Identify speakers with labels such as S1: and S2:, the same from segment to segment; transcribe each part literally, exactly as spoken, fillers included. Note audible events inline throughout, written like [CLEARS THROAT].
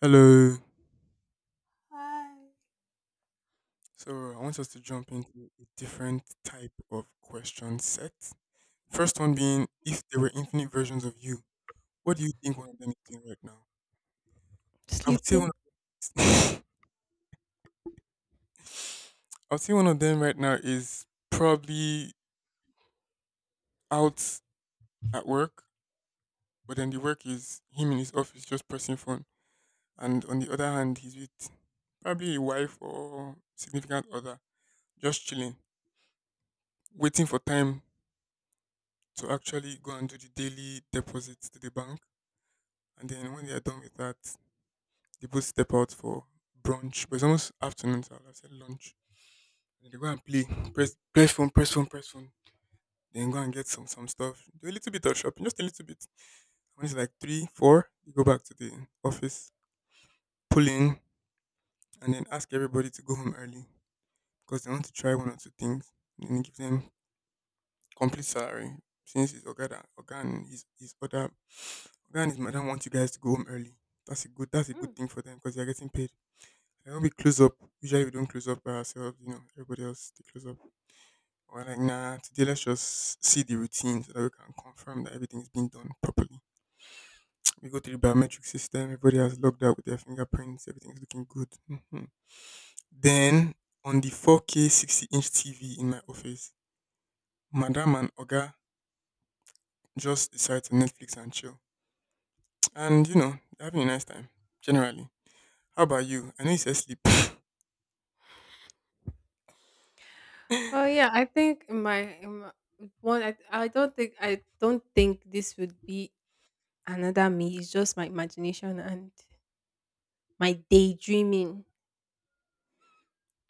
S1: Hello.
S2: Hi.
S1: So I want us to jump into a different type of question set. First one being, if there were infinite versions of you, what do you think one of them is doing right now? I would say
S2: Sleeping.
S1: one. Of, [LAUGHS] I would say one of them right now is probably out at work, but then the work is him in his office just pressing phone, and on the other hand, he's with probably a wife or significant other, just chilling, waiting for time to actually go and do the daily deposits to the bank. And then when they are done with that, they both step out for brunch. But it's almost afternoon, so I would have said lunch. And they go and play, press, press phone, press phone, press phone. Then go and get some some stuff. Do a little bit of shopping, just a little bit. When it's like three, four, you go back to the office, pull in, and then ask everybody to go home early because they want to try one or two things. And then give them complete salary since it's Ogada, Oga and his, his other Oga and his madam want you guys to go home early. That's a good that's a good thing for them because they're getting paid. And when we close up, usually we don't close up by ourselves, you know, everybody else they close up. We're like, nah, today let's just see the routine so that we can confirm that everything is being done properly. We go to the biometric system, everybody has logged out with their fingerprints, everything's looking good. hmm Then on the four K sixty inch T V in my office, Madam and Oga just decide to Netflix and chill. And you know, they're having a nice time, generally. How about you? I know you said sleep.
S2: Oh yeah,
S1: [LAUGHS]
S2: I think in my, in my one. I, I don't think I don't think this would be another me. It's just my imagination and my daydreaming.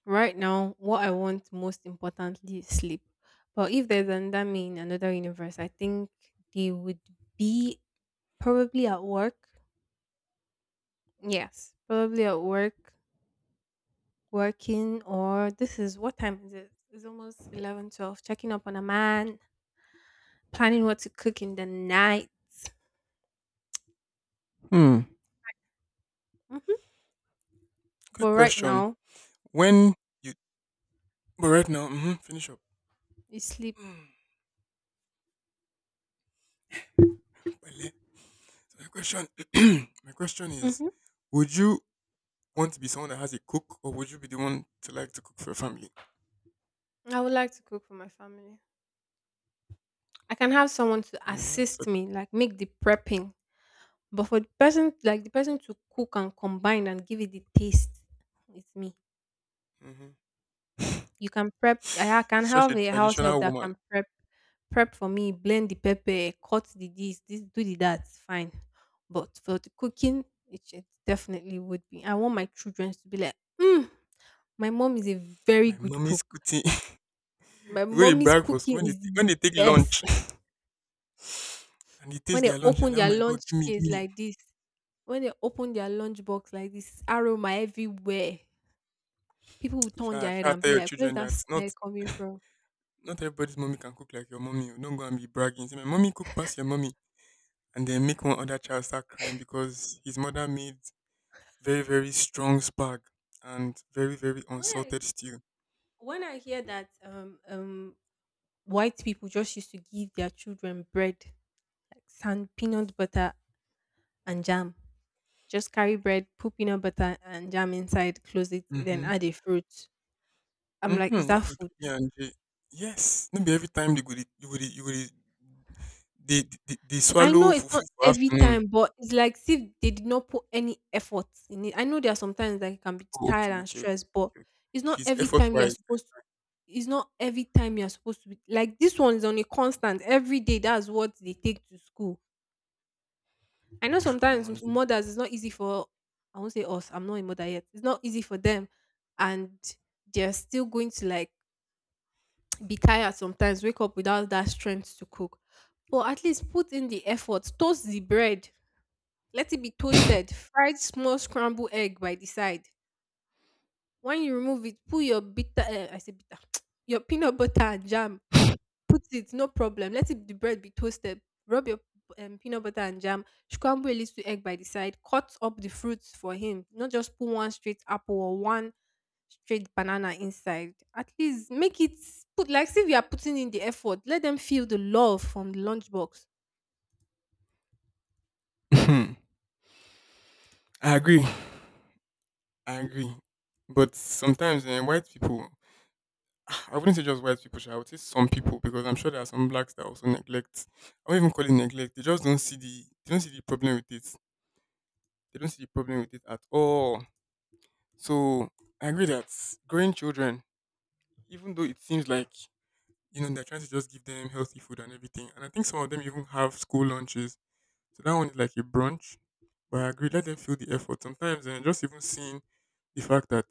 S2: Right now, what I want most importantly is sleep. But if there's another me in another universe, I think they would be probably at work. Yes, probably at work, working, or this is what time is it? It's almost eleven, twelve. Checking up on a man, planning what to cook in the night.
S1: Hmm.
S2: Hmm
S1: Quick
S2: But right
S1: question.
S2: now,
S1: When you But right now, hmm finish up.
S2: you sleep.
S1: Mm, Wale. so my question, [CLEARS THROAT] my question is,
S2: Hmm
S1: would you want to be someone that has a cook, or would you be the one to like to cook for your family?
S2: I would like to cook for my family. I can have someone to
S1: Mm, that's
S2: assist
S1: such,
S2: me, like make the prepping. But for the person, like the person to cook and combine and give it the taste, it's me.
S1: hmm
S2: You can prep. I I can
S1: such
S2: have
S1: a
S2: a house help
S1: traditional
S2: that
S1: woman.
S2: can prep, prep for me, blend the pepper, cut the this, this, do the that. Fine. But for the cooking, it, it definitely would be. I want my children to be like, mm. My mom is a very
S1: My
S2: good
S1: mommy's
S2: cook.
S1: cooking. [LAUGHS]
S2: My
S1: Go to
S2: mommy's
S1: brag for school
S2: cooking
S1: when they,
S2: is the
S1: when they take
S2: best.
S1: lunch, [LAUGHS] and they
S2: When
S1: taste
S2: they
S1: their lunch. You're
S2: open
S1: like, oh
S2: their
S1: my god,
S2: lunch
S1: give me, give
S2: case
S1: me.
S2: like this, when they open their lunch box like this, aroma everywhere. People will turn
S1: Shall
S2: their head
S1: shall
S2: and
S1: tell
S2: be
S1: your
S2: like, "Where's
S1: children
S2: that
S1: that not
S2: smell coming from?"
S1: not everybody's mommy can cook like your mommy. Oh. Don't go and be bragging. Say my mommy cook past your mommy, and then make one other child start crying because his mother made very very strong spag and very very
S2: When I
S1: unsalted stew.
S2: when I hear that um um white people just used to give their children bread, like sand, peanut butter, and jam. Just carry bread, put peanut butter and jam inside, close it, then
S1: Mhm.
S2: add a fruit. I'm like,
S1: Mhm.
S2: is that
S1: That's the
S2: food?
S1: P B and J. Yes. No be every time they go dey- you go dey- you go dey- they they they
S2: I
S1: swallow
S2: know it's
S1: fufu
S2: not
S1: for
S2: every
S1: afternoon.
S2: time, but it's like see if they did not put any effort in it. I know there are sometimes that you can be
S1: Oh,
S2: tired
S1: okay,
S2: and
S1: okay, okay,
S2: stressed, but
S1: okay. Okay.
S2: it's
S1: If
S2: not
S1: it's
S2: every
S1: effort
S2: time you're
S1: wise,
S2: supposed to, it's not every time you're supposed to be like this one is on a constant every day. That's what they take to school. I know
S1: [LAUGHS] I'm
S2: sometimes s-
S1: them.
S2: mothers it's not easy for, I won't say us, I'm not a mother yet. It's not easy for them and they're still going to like [TSK] be tired sometimes, wake up without that strength to cook. But at least put in the effort, toast the bread. Let it be toasted, fried small scrambled egg by the side. When you remove it, put your bitter, uh, I say bitter, [TSK] your peanut butter and jam. Put it, no problem. Let it, the bread be toasted. Rub your um, peanut butter and jam. Scramble a little egg by the side. Cut up the fruits for him. Not just put one straight apple or one straight banana inside. At least make it, put like see if you are putting in the effort. Let them feel the love from the lunchbox.
S1: Mhm. I agree. I agree. But sometimes eh, white people, [SIGHS] I wouldn't say just white people, sha, I would say some people because I'm sure there are some blacks that also neglect. I won't even call it neglect. They just don't see the they don't see the problem with it. They don't see the problem with it at all. So I agree that growing children, even though it seems like you know they're trying to just give them healthy food and everything, and I think some of them even have school lunches. So that one is like a brunch. But I agree, let them feel the effort. Sometimes and just even seeing the fact that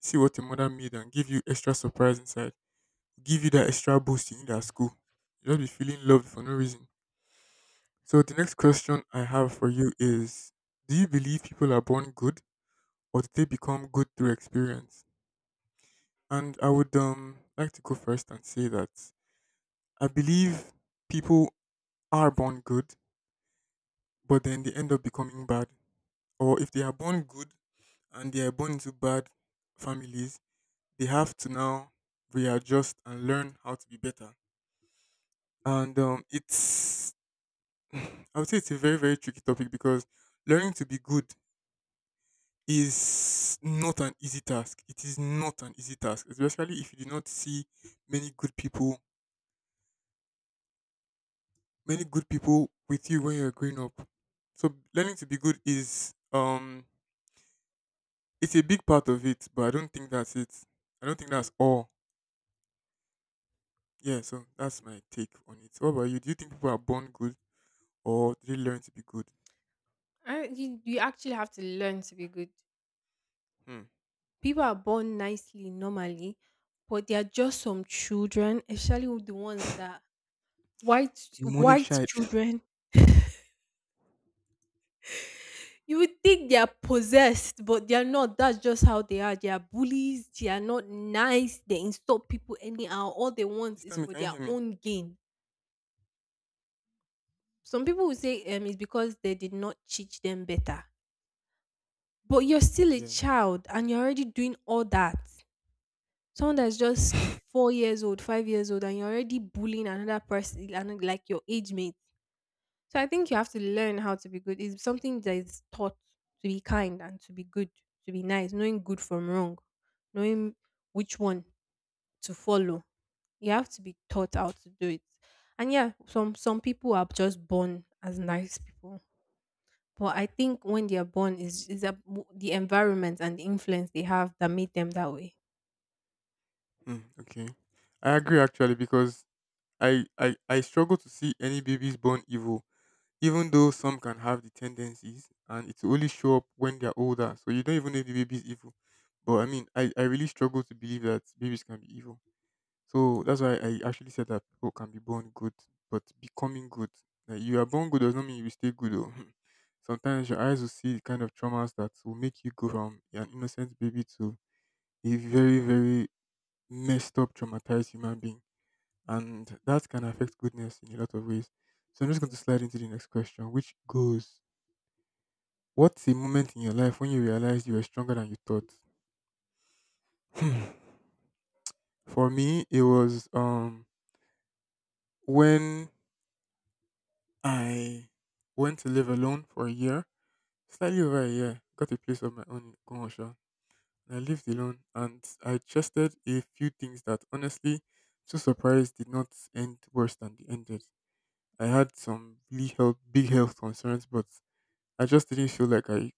S1: see what your mother made and give you extra surprise inside, give you that extra boost you need at school. You'll just be feeling loved for no reason. So the next question I have for you is: Do you believe people are born good, or did they become good through experience? And I would um like to go first and say that I believe people are born good, but then they end up becoming bad. Or if they are born good and they are born into bad families, they have to now readjust and learn how to be better. And um, it's [SIGHS] I would say it's a very very tricky topic because learning to be good is not an easy task. It is not an easy task, especially if you do not see many good people many good people with you when you're growing up. So learning to be good is um it's a big part of it, but I don't think that's it. I don't think that's all. Yeah, so that's my take on it. What about you? Do you think people are born good or do they learn to be good?
S2: I, you, you actually have to learn to be good.
S1: Hmm.
S2: People are born nicely normally, but there are just some children, especially with the ones that white
S1: Demonic
S2: white
S1: shy.
S2: children. You would think they are possessed, but they are not. That's just how they are. They are bullies. They are not nice. They insult people anyhow. All they want
S1: Please tell
S2: is
S1: me,
S2: for
S1: can you
S2: their
S1: hear me?
S2: own gain. Some people will say um, it's because they did not teach them better. But you're still a
S1: Yeah.
S2: child and you're already doing all that. Someone that's just
S1: [LAUGHS]
S2: four years old, five years old, and you're already bullying another person, and like your age mate. So I think you have to learn how to be good. It's something that is taught, to be kind and to be good, to be nice, knowing good from wrong, knowing which one to follow. You have to be taught how to do it. And yeah, some some people are just born as nice people. But I think when they are born, is is the environment and the influence they have that made them that way.
S1: Hmm, okay. I agree actually because I, I I struggle to see any babies born evil. Even though some can have the tendencies and it will only show up when they're older. So you don't even know if the baby is evil. But I mean, I, I really struggle to believe that babies can be evil. So that's why I actually said that people can be born good, but becoming good. Like you are born good does not mean you will stay good. Or [LAUGHS] sometimes your eyes will see the kind of traumas that will make you go from an innocent baby to a very, very messed up, traumatized human being. And that can affect goodness in a lot of ways. So I'm just going to slide into the next question, which goes: What's a moment in your life when you realized you were stronger than you thought? [LAUGHS] Hmm. For me, it was um when I went to live alone for a year, slightly over a year, got a place of my own in Kongosha. And I lived alone and I trusted a few things that honestly, to surprise, did not end worse than they ended. I had some really health, big health concerns, but I just didn't feel like I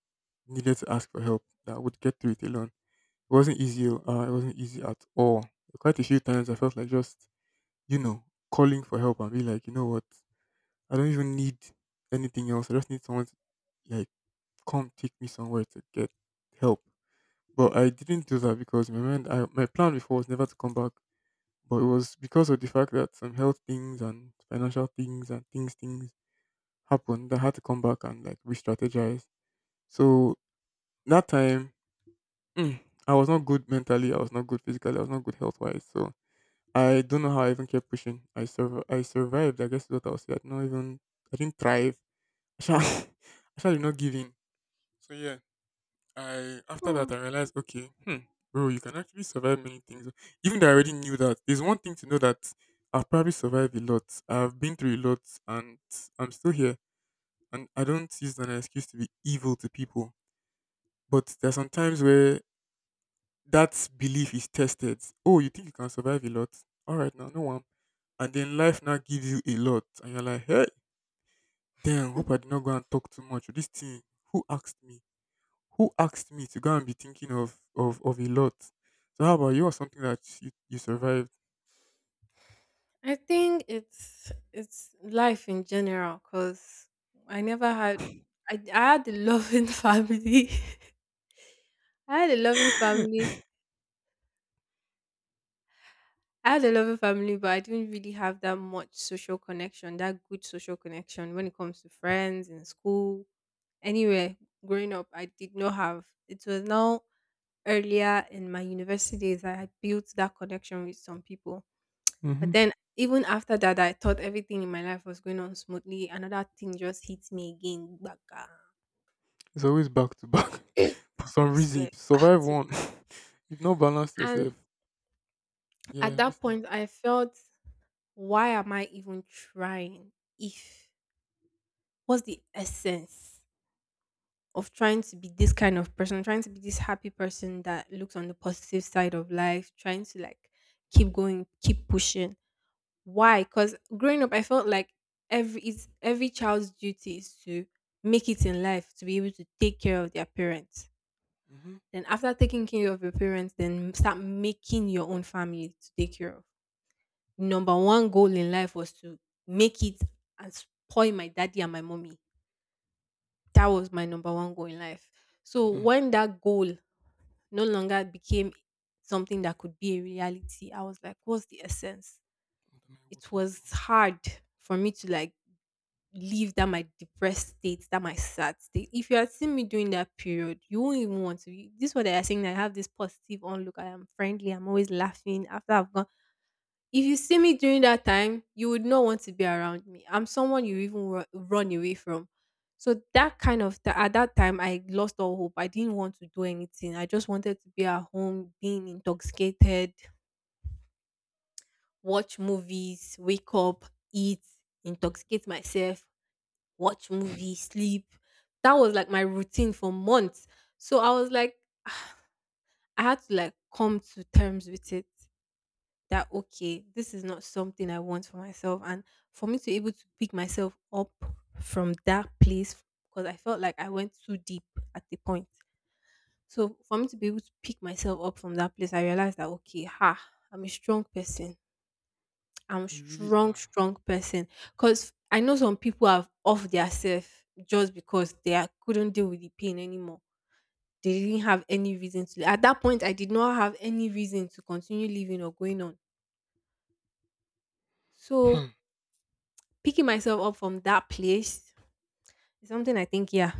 S1: needed to ask for help, that I would get through it alone. It wasn't easy. oh, Uh, it wasn't easy at all. Quite a few times I felt like just, you know, calling for help and be like, you know what? I don't even need anything else. I just need someone to like come take me somewhere to get help. But I didn't do that because in my mind, I, my plan before was never to come back. But it was because of the fact that some health things and financial things and things things happened that I had to come back and like re-strategize. So that time, mm, I was not good mentally. I was not good physically. I was not good health wise. So I don't know how I even kept pushing. I sur- I survived. I guess is what I'll say. I did not even. I didn't thrive. [LAUGHS] I shall. I shall did not give in. So yeah, I after
S2: Hmm.
S1: that I realized, okay, hmm, bro, you can actually survive many things. Even though I already knew that, there's one thing to know that I've probably survived a lot. I've been through a lot, and I'm still here. And I don't use that as an excuse to be evil to people. But there are some times where that belief is tested. Oh, you think you can survive a lot? All right, now no one. And then life now gives you a lot, and you're like, hey, damn, hope I did not go and talk too much. This thing, who asked me? Who asked me to go and be thinking of of of a lot? So how about you or something that you, you survived? [LAUGHS]
S2: I think it's it's life in general because I never had, I, I had a loving [LAUGHS] family. I had a loving family. I had a loving family, but I didn't really have that much social connection, that good social connection when it comes to friends in school, anywhere growing up. I did not have. It was now earlier in my university days that I built that connection with some people. But
S1: Hmm.
S2: then even after that, I thought everything in my life was going on smoothly. Another thing just hit me again. Gbaka.
S1: It's always back to back.
S2: I
S1: [LAUGHS] For some reason,
S2: swear,
S1: if you
S2: back
S1: survive
S2: to
S1: one,
S2: back.
S1: [LAUGHS] you've not balanced
S2: And
S1: yourself. Yeah,
S2: at
S1: I'm
S2: that
S1: listening.
S2: point, I felt, why am I even trying? If, what's the essence of trying to be this kind of person, trying to be this happy person that looks on the positive side of life, trying to like keep going, keep pushing. Why? Because growing up, I felt like every, it's every child's duty is to make it in life to be able to take care of their parents.
S1: Mm-hmm.
S2: Then after taking care of your parents, then start making your own family to take care of. Number one goal in life was to make it and spoil my daddy and my mommy. That was my number one goal in life. So
S1: Hmm. What am
S2: when that goal no longer became something that could be a reality, I was like, what's the essence?
S1: I
S2: It
S1: working for?
S2: was hard for me to like leave that my depressed state, that my sad state. If you had seen me during that period, you won't even want to. You, this is what they are saying, that I have this positive onlook. I am friendly. I'm always laughing after I've gone. If you see me during that time, you would not want to be around me. I'm someone you even ru- run away from. So that kind of th- at that time, I lost all hope. I didn't want to do anything. I just wanted to be at home, being intoxicated, watch movies, wake up, eat, intoxicate myself, watch movie, sleep. That was like my routine for months. So I was like, [SIGHS] I had to like come to terms with it that okay, this is not something I want for myself. And for me to be able to pick myself up from that place, because I felt like I went too deep at the point. So for me to be able to pick myself up from that place, I realized that okay, ha, I'm a strong person. I'm
S1: You really
S2: strong,
S1: are.
S2: strong person. Cause I know some people have off their self just because they are, couldn't deal with the pain anymore. They didn't have any reason to. At that point, I did not have any reason to continue living or going on. So
S1: Hmm.
S2: picking myself up from that place is something I think. Yeah,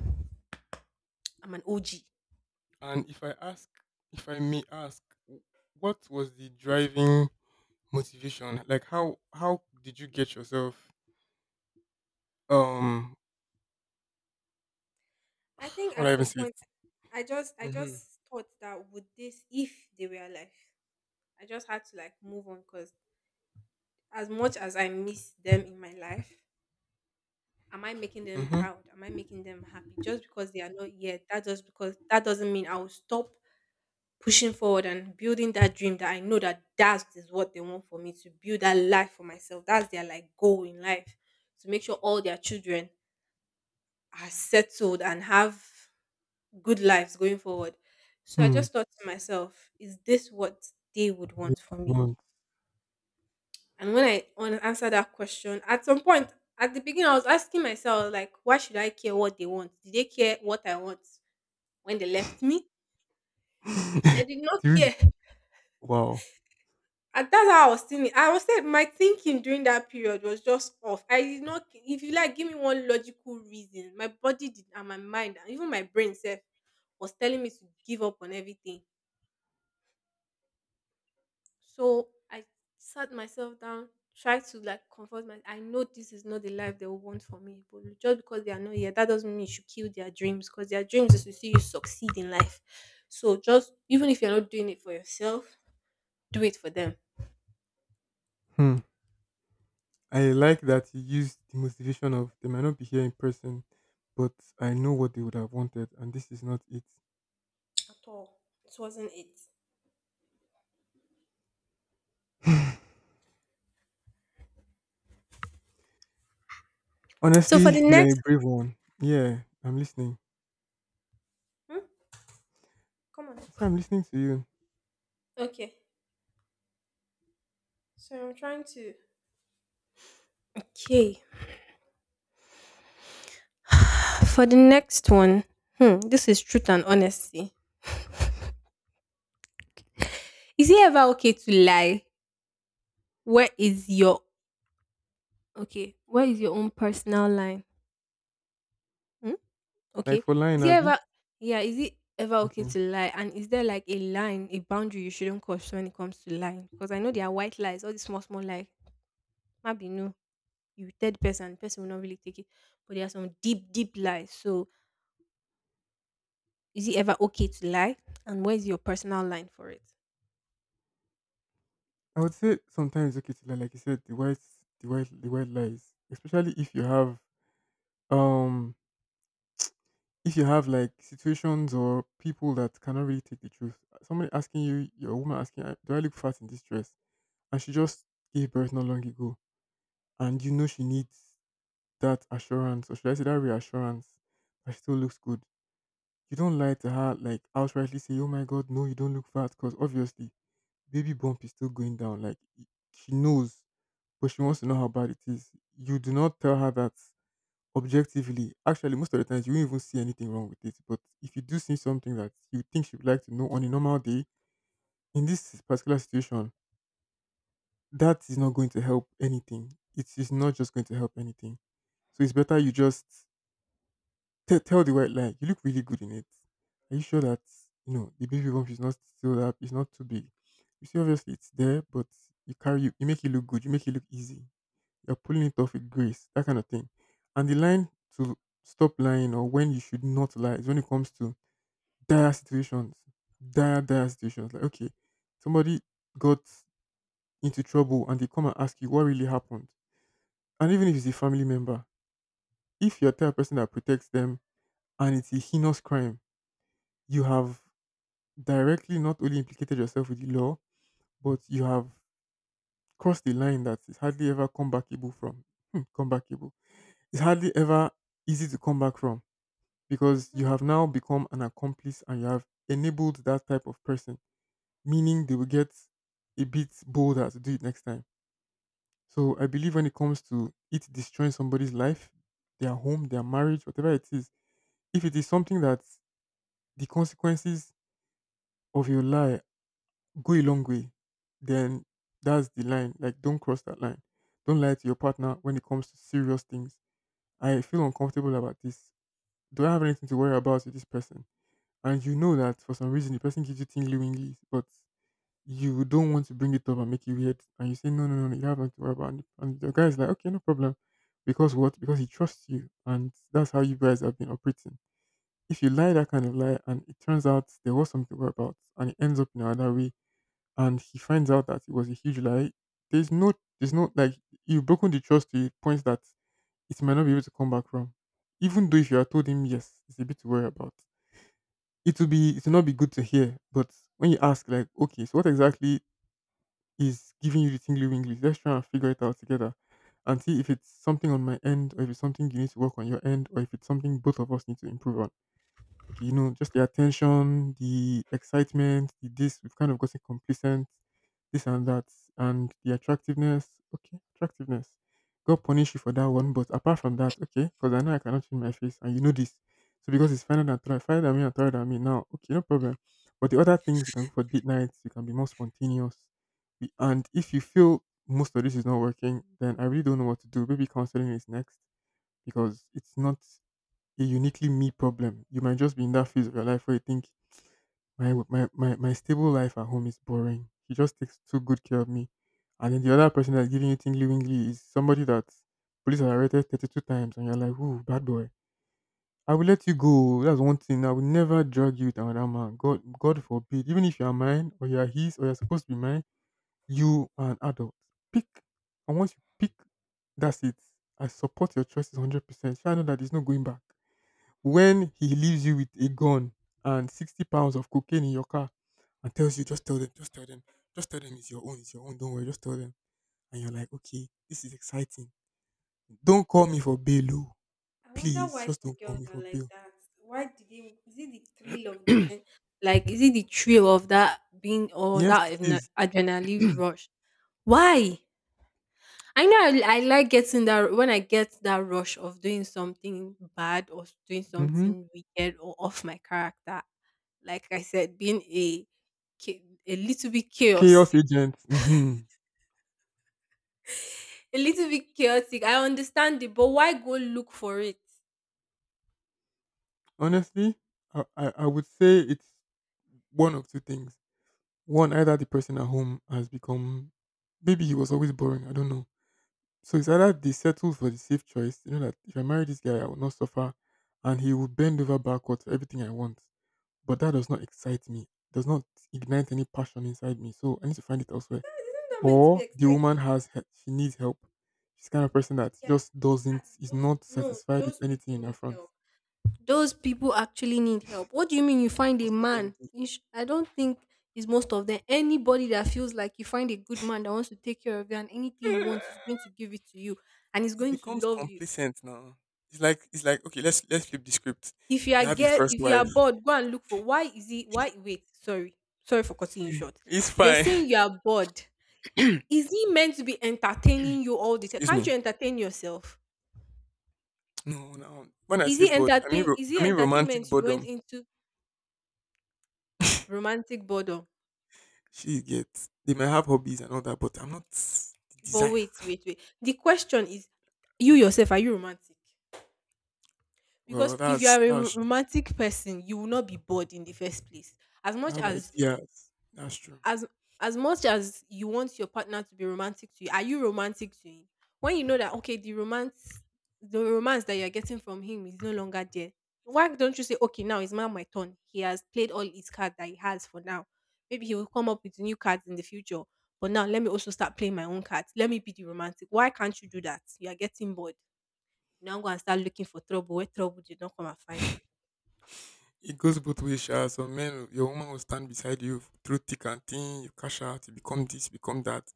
S2: I'm an O G.
S1: And if I ask, if I may ask, w- what was the driving motivation? Like how how did you get yourself um [SIGHS]
S2: I
S1: how
S2: think
S1: would I
S2: at
S1: even
S2: some
S1: say it?
S2: point, I just, I
S1: Mm-hmm.
S2: just thought that with this, if they were alive, I just had to like move on because as much as I miss them in my life, am I making them
S1: Mm-hmm.
S2: proud? Am I making them happy? Just because they are not yet, that just because that doesn't mean I will stop pushing forward and building that dream that I know that that is what they want for me, to build that life for myself. That's their like goal in life to make sure all their children are settled and have good lives going forward. So I
S1: Hmm.
S2: just thought to myself, is this what they would
S1: Yeah,
S2: want for me?
S1: want.
S2: And when I want answer that question, at some point at the beginning, I was asking myself, like, why should I care what they want? Did they care what I want when they left me? They did
S1: [LAUGHS]
S2: not
S1: Three.
S2: care.
S1: Wow.
S2: And that's how I was thinking. I was saying my thinking during that period was just off. I did not, if you like, give me one logical reason. My body did, and my mind, and even my brain self was telling me to give up on everything. So I sat myself down, tried to like comfort my, I know this is not the life they will want for me, but just because they are not here, that doesn't mean you should kill their dreams because their dreams is to see you succeed in life. So just even if you're not doing it for yourself, do it for them.
S1: Hmm. I like that you used the motivation of they might not be here in person, but I know what they would have wanted, and this is not it.
S2: At all. It wasn't it.
S1: [SIGHS]
S2: So for
S1: Honestly,
S2: the
S1: you're a
S2: next,
S1: brave one. Yeah, I'm listening.
S2: hmm? Come on.
S1: I say I'm listening to you.
S2: Okay. So I'm trying to, okay. [SIGHS] For the next one, hmm, this is truth and honesty. Is it ever okay to lie? Where is your, okay, where is your own personal line? Hmm?
S1: Like
S2: Okay,
S1: for lying,
S2: is it
S1: Abby.
S2: ever yeah? Is it ever okay
S1: Okay.
S2: to lie? And is there like a line, a boundary you shouldn't cross when it comes to lying? Because I know there are white lies, all these small small lies. Maybe no, you tell the person, the person will not really take it. But there are some deep deep lies. So is it ever okay to lie? And where is your personal line for it?
S1: I would say sometimes okay to like, like you said, the white the white the white lies, especially if you have um if you have like situations or people that cannot really take the truth. Somebody asking you, your woman asking, "Uh, do I look fat in this dress?" And she just gave birth not long ago, and you know she needs that assurance, or should I say that reassurance, that she still looks good. You don't lie to her like outrightly say, oh my god, no, you don't look fat, because obviously baby bump is still going down. Like she knows but she wants to know
S2: Mm-hmm.
S1: how bad it is. You do not tell her that objectively. Actually, most of the times you won't even see anything wrong with it. But if you do see something that you think she would like to know on a normal day, in this particular situation, that is not going to help anything. It is not just going to help anything. So it's better you just te- tell the white lie. You look really good in it. Are you sure that you know the baby bump is not still up? It's not too big. You see, obviously it's there, but you carry you you make it look good. You make it look easy. You're pulling it off with grace, that kind of thing. And the line to stop lying or when you should not lie is when it comes to dire situations, dire, dire situations. Like, okay, somebody got into trouble and they come and ask you what really happened. And even if it's a family member, if you're the type of person that protects them and it's a heinous crime, you have directly not only implicated yourself with the law, but you have crossed the line that is hardly ever comebackable from. Hmm, comebackable. It's hardly ever easy to come back from because you have now become an accomplice and you have enabled that type of person, meaning they will get a bit bolder to do it next time. So I believe when it comes to it destroying somebody's life, their home, their marriage, whatever it is, if it is something that the consequences of your lie go a long way, then that's the line. Like, don't cross that line. Don't lie to your partner when it comes to serious things. I feel uncomfortable about this. Do I have anything to worry about with this person? And you know that for some reason the person gives you tingly winglies, but you don't want to bring it up and make it weird, and you say no, no, no, no, you have nothing to worry about, and and the guy is like, okay, no problem, because what? Because he trusts you, and that's how you guys have been operating. If you lie that kind of lie, and it turns out there was something to worry about, and it ends up in another way, and he finds out that it was a huge lie, there's no, there's no like you've broken the trust to a point that it might not be able to come back from. Even though if you had told him yes, it's a bit to worry about, it will be it will not be good to hear. But when you ask, like, okay, so what exactly is giving you the tingly winglies? Let's try and figure it out together and see if it's something on my end or if it's something you need to work on your end or if it's something both of us need to improve on. Okay, you know, just the attention, the excitement, the this, we've kind of gotten complacent, this and that, and the attractiveness. Okay, attractiveness. God punish you for that one, but apart from that, okay, because I know I cannot change my face, and you know this. So because it's finer than third, finer than me and taller than me now, okay, no problem. But the other things, we can go for date nights, you can be more spontaneous. We, and if you feel most of this is not working, then I really don't know what to do. Maybe counseling is next because it's not a uniquely me problem. You might just be in that phase of your life where you think my my my, my stable life at home is boring. He just takes too good care of me. And then the other person that's giving you tingly wingly is somebody that police have arrested thirty two times and you're like, ooh, bad boy. I will let you go. That's one thing. I will never drag you with another man. God God forbid. Even if you are mine or you are his or you're supposed to be mine, you are an adult. Pick, and once you pick, that's it. I support your choices one hundred percent. Sure, I know that there's no going back. When he leaves you with a gun and sixty pounds of cocaine in your car and tells you, just tell them, just tell them, just tell them it's your own, it's your own, don't worry, just tell them. And you're like, okay, this is exciting. Don't call me for bail, oh.
S2: I wonder
S1: Please,
S2: why
S1: just
S2: some
S1: don't call
S2: girls
S1: me for
S2: are like
S1: bail.
S2: that. Why do they? Is it the thrill of the gen? Like, is it the thrill of that being or
S1: Yes,
S2: that
S1: it
S2: adre-
S1: is.
S2: adrenaline rush? Why? I know I, I like getting that when I get that rush of doing something bad or doing
S1: Mm-hmm.
S2: something wicked or off my character. Like I said, being a cha- a little bit chaos,
S1: Chaos agent. Mm-hmm.
S2: a little bit chaotic. I understand it, but why go look for it?
S1: Honestly, I, I, I would say it's one of two things. One, either the person at home has become, maybe he was always boring, I don't know. So it's either they settle for the safe choice, you know that if I marry this guy, I will not suffer, and he will bend over backwards for everything I want. But that does not excite me, does not ignite any passion inside me. So I need to find it
S2: Is
S1: elsewhere.
S2: that, isn't that meant to be
S1: Or the woman
S2: exciting?
S1: has he- she needs help. She's the kind of person that
S2: Yeah,
S1: just
S2: that
S1: doesn't is
S2: those
S1: not
S2: no,
S1: satisfied with
S2: those
S1: anything
S2: people
S1: in her
S2: need
S1: front.
S2: help. Those people actually need help. What do you mean you find a
S1: Most of them
S2: man?
S1: do.
S2: You sh- I don't think is most of them. Anybody that feels like you find a good man that wants to take care of you and anything you
S1: Eh,
S2: want is going to give it to you and is
S1: it
S2: going to
S1: becomes
S2: love you.
S1: complacent now. It's like it's like okay, let's let's flip the script.
S2: If you
S1: You
S2: are
S1: have your
S2: get
S1: first
S2: if you are
S1: wife.
S2: bored, go and look for why is he why wait, sorry. Sorry for cutting you short.
S1: It's
S2: You're
S1: fine.
S2: saying you
S1: [LAUGHS]
S2: are bored. Is he meant to be entertaining you all the time?
S1: Excuse
S2: Can't you
S1: me.
S2: entertain yourself?
S1: No, no. When I
S2: Is
S1: say
S2: he
S1: bored, I mean
S2: entertain
S1: ro-
S2: is he
S1: I mean romantic
S2: entertainment you went
S1: boredom.
S2: into romantic boredom.
S1: She gets they might have hobbies and all that, but I'm not the
S2: But
S1: desire.
S2: wait, wait, wait, the question is, you yourself, are you romantic?
S1: Well,
S2: Because if you
S1: that's
S2: are a ro-
S1: that's true.
S2: romantic person, you will not be bored in the first place. As
S1: You
S2: much
S1: have
S2: as
S1: ideas. That's true.
S2: as as much as you want your partner to be romantic to you, are you romantic to him? When you know that okay, the romance the romance that you're getting from him is no longer there. Why don't you say, okay, now it's now my turn? He has played all his cards that he has for now. Maybe he will come up with new cards in the future. But now let me also start playing my own cards. Let me be the romantic. Why can't you do that? You are getting bored. You now go and start looking for trouble where trouble did not come and find you.
S1: It goes both ways, Sha. Some men, your woman will stand beside you through thick and thin. You cash out, you become this, become that,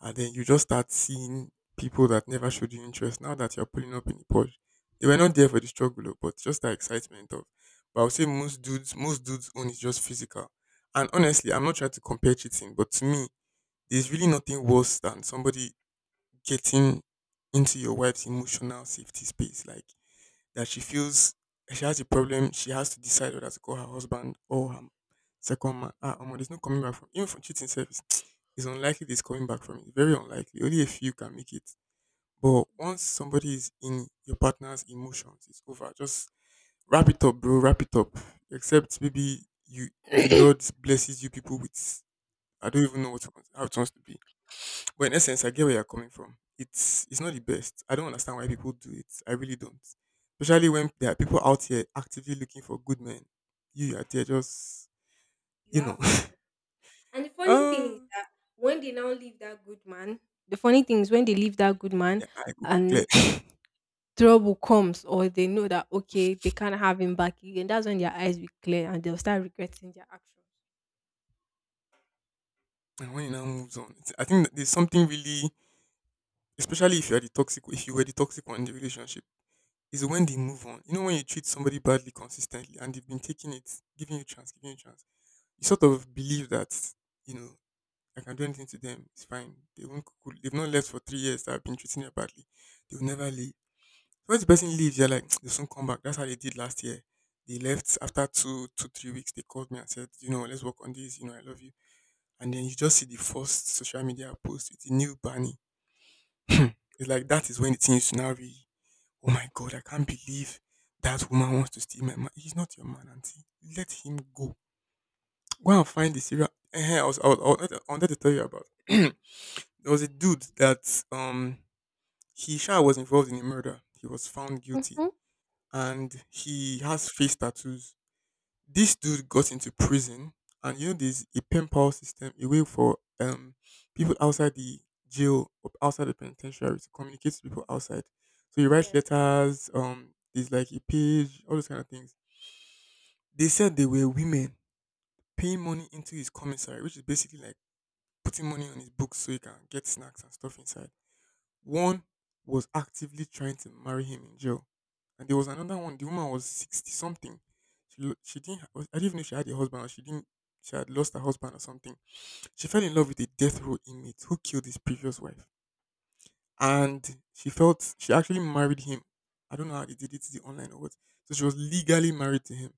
S1: and then you just start seeing people that never showed you interest. Now that you're pulling up in the Porsche, they were not there for the struggle, oh, but just the excitement of. But I would say most dudes, most dudes own is just physical. And honestly, I'm not trying to compare cheating, but to me, there's really nothing worse than somebody getting into your wife's emotional safety space, like that she feels she has a problem, she has to decide whether to call her husband or her second man. Ah, um, there's no coming back from even from cheating service. [TSK] It's unlikely there's coming back from it. Very unlikely. Only a few can make it. But once somebody is in your partner's emotions, it's over. Just wrap it up, bro. Wrap it up. Except maybe you, the Lord blesses you people with. I don't even know what how it wants to be. But in essence, I get where you're coming from. It's it's not the best. I don't understand why people do it. I really don't. Especially when there are people out here actively looking for good men. You are there just
S2: You
S1: you know.
S2: have one.
S1: [LAUGHS]
S2: And the funny
S1: Ah,
S2: thing is that when they now leave that good man, the funny thing is when they leave that good man
S1: I go clear.
S2: and trouble comes, or they know that okay,
S1: [LAUGHS]
S2: they can't have him back again, that's when their eyes will clear and they'll start regretting their actions.
S1: And when it now moves on, it's- I think that there's something really, especially if you're the toxic, if you were the toxic one in the relationship, is when they move on. You know, when you treat somebody badly consistently and they've been taking it, giving you chance, giving you chance, you sort of believe that, you know, I can do anything to them. It's fine. They won't cool. They've not left for three years. That I've been treating them badly. They will never leave. Once the person leaves, you're like, [TSK] they'll soon come back. That's how they did last year. They left after two, two, three weeks. They called me and said, you know, let's work on this. You know, I love you. And then you just see the first social media post with the new Barney. [CLEARS THROAT] It's like that is when the thing used to now be, oh my God, I can't believe that woman wants to steal my man. He's not your man, auntie. Let him go. Go and find the serial. eh, eh, I was, I was, I was I wanted to tell you about. [CLEARS THROAT] There was a dude that um he sure was involved in a murder. He was found guilty
S2: Hmm.
S1: and he has face tattoos. This dude got into prison and you know there's a pen pal system, a way for um people outside the jail or outside the penitentiary to communicate to people outside. So you write
S2: Yes.
S1: letters, um there's like a page, all those kind of things. They said they were women paying money into his commissary, which is basically like putting money on his books so he can get snacks and stuff inside. One was actively trying to marry him in jail, and there was another one. The woman was sixty something. She lo- she didn't. Ha- I didn't even know if she had a husband or she didn't. She had lost her husband or something. She fell in love with a death row inmate who killed his previous wife, and she felt she actually married him. I don't know how they did it, is it online or what? So she was legally married to him,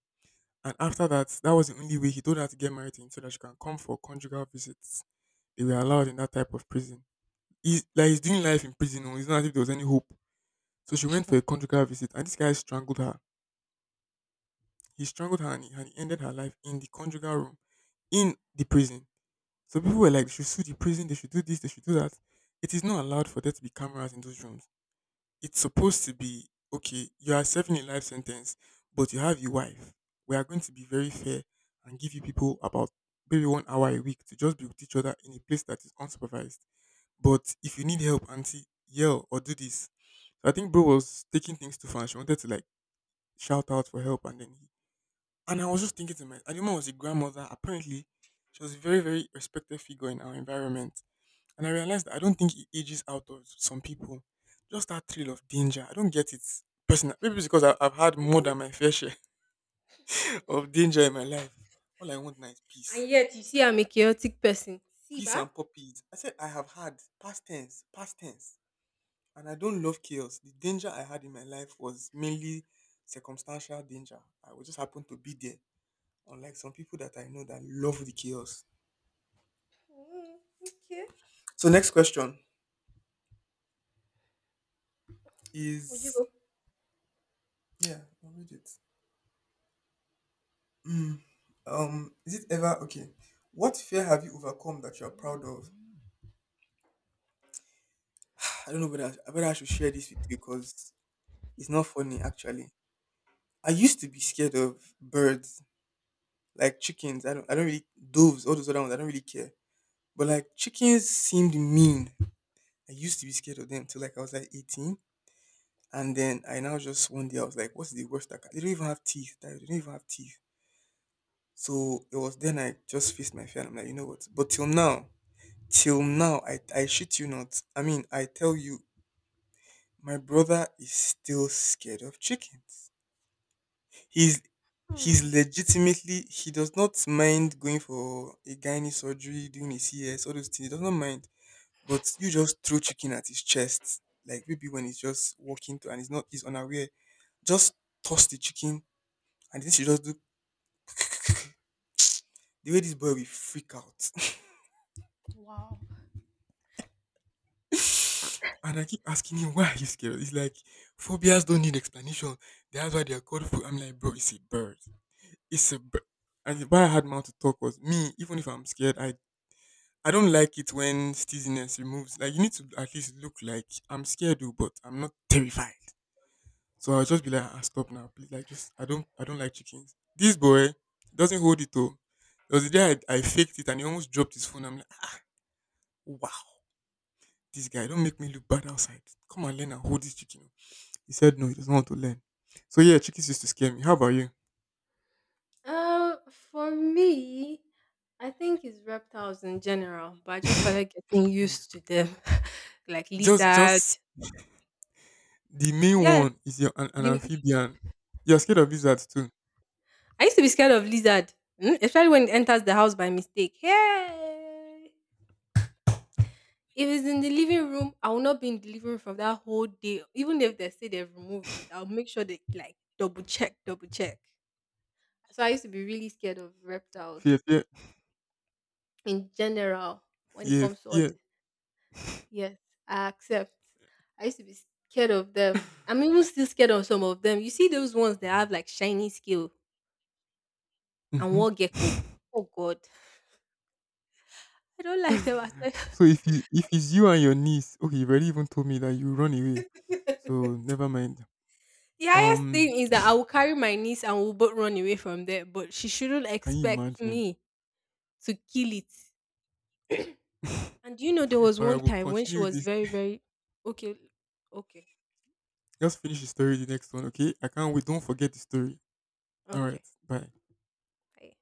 S1: and after that, that was the only way he told her to get married to him so that she can come for conjugal visits. They were allowed in that type of prison. He's like he's doing life in prison. oh, It's not as if there was any hope, so she went for a conjugal visit, and this guy strangled her. He strangled her and he, and he ended her life in the conjugal room in the prison. So people were like, they should sue the prison, they should do this, they should do that. It is not allowed for there to be cameras in those rooms. It's supposed to be okay, you are serving a life sentence, but you have your wife. We are going to be very fair and give you people about maybe one hour a week to just be with each other in a place that is unsupervised. But if you need help, auntie, yell or do this. So I think bro was taking things too far. And She wanted to like shout out for help, and then he and I was just thinking to myself, and the woman was a grandmother. Apparently, she was a very, very respected figure in our environment. And I realized that I don't think it ages out of some people. Just that thrill of danger. I don't get it personally. Maybe it's because I, I've had more than my fair share [LAUGHS] of danger in my life. All I want now is peace.
S2: And yet you see I'm a chaotic person. See
S1: Peace
S2: ba?
S1: and puppies. I said I have had, past tense, past tense. And I don't love chaos. The danger I had in my life was mainly circumstantial danger. I would just happen to be there. Unlike some people that I know that love the chaos.
S2: Mm, okay.
S1: So next question
S2: Would you
S1: is,
S2: go?
S1: yeah, I'll read it. Mm, um, is it ever okay? What fear have you overcome that you're proud of? I don't know whether I whether I should share this with you because it's not funny actually. I used to be scared of birds, like chickens. I don't I don't really, doves, all those other ones, I don't really care. But like chickens seemed mean. I used to be scared of them till like I was like eighteen. And then I now just one day I was like, what's the worst that can, they don't even have teeth. They don't even have teeth. So it was then I just faced my fear and I'm like, you know what? But till now, till now, I, I shit you not. I mean, I tell you, my brother is still scared of chickens. He's he's
S2: Hmm.
S1: legitimately, he does not mind going for a gynae surgery, doing a C S, all those things. He does not mind. But you just throw chicken at his chest, like maybe when he's just walking to and he's not he's unaware. Just toss the chicken, and this you just do, the way this boy will freak out.
S2: Wow.
S1: And I keep asking him, why are you scared? He's like, phobias don't need explanation. That's why they're called phobia. I'm like, bro, it's a bird. It's a bird. And the- why I had mouth to talk was me, even if I'm scared, I, I don't like it when steaziness removes. Like, you need to at least look like I'm scared, though, but I'm not terrified. So I'll just be like, ah, stop now, please. Like, just, I don't, I don't like chickens. This boy doesn't hold it, though. There was a day I, I faked it and he almost dropped his phone. I'm like, "Ah, wow, this guy, don't make me look bad outside. Come and learn and hold this chicken." He said no, he doesn't want to learn. So yeah, chickies used to scare me. How about you?
S2: Uh, for me, I think it's reptiles in general, but I just started
S1: [LAUGHS]
S2: getting used to them, [LAUGHS] like
S1: Just
S2: lizard.
S1: just the main
S2: Yeah,
S1: one is your an, an
S2: the
S1: amphibian. You're scared of lizards too.
S2: I used to be scared of lizard, mm, especially when it enters the house by mistake. Hey! If it's in the living room, I will not be in the living room for that whole day. Even if they say they've removed it, I'll make sure they like double check, double check. So I used to be really scared of
S1: Fear,
S2: reptiles
S1: fear,
S2: in general when it
S1: fear,
S2: comes to all
S1: fear.
S2: this. Yes, I accept. I used to be scared of them. I'm even still scared of some of them. You see those ones that have like shiny scale and
S1: Hmm.
S2: war gecko. Oh God, I don't like them
S1: [LAUGHS]
S2: at all. [LAUGHS]
S1: So if you if it's you and your niece, okay, you've already even told me that you run away. So
S2: [LAUGHS]
S1: never mind.
S2: The highest
S1: Um,
S2: thing is that I will carry my niece and we'll both run away from there, but she shouldn't
S1: can you
S2: expect
S1: imagine?
S2: me to kill it. And you know there was
S1: All right,
S2: one
S1: we'll
S2: time when she
S1: continue
S2: was
S1: this.
S2: very, very okay, okay,
S1: Just finish the story the next one, okay? I can't wait. Don't forget the story. All right,
S2: okay.
S1: bye.
S2: I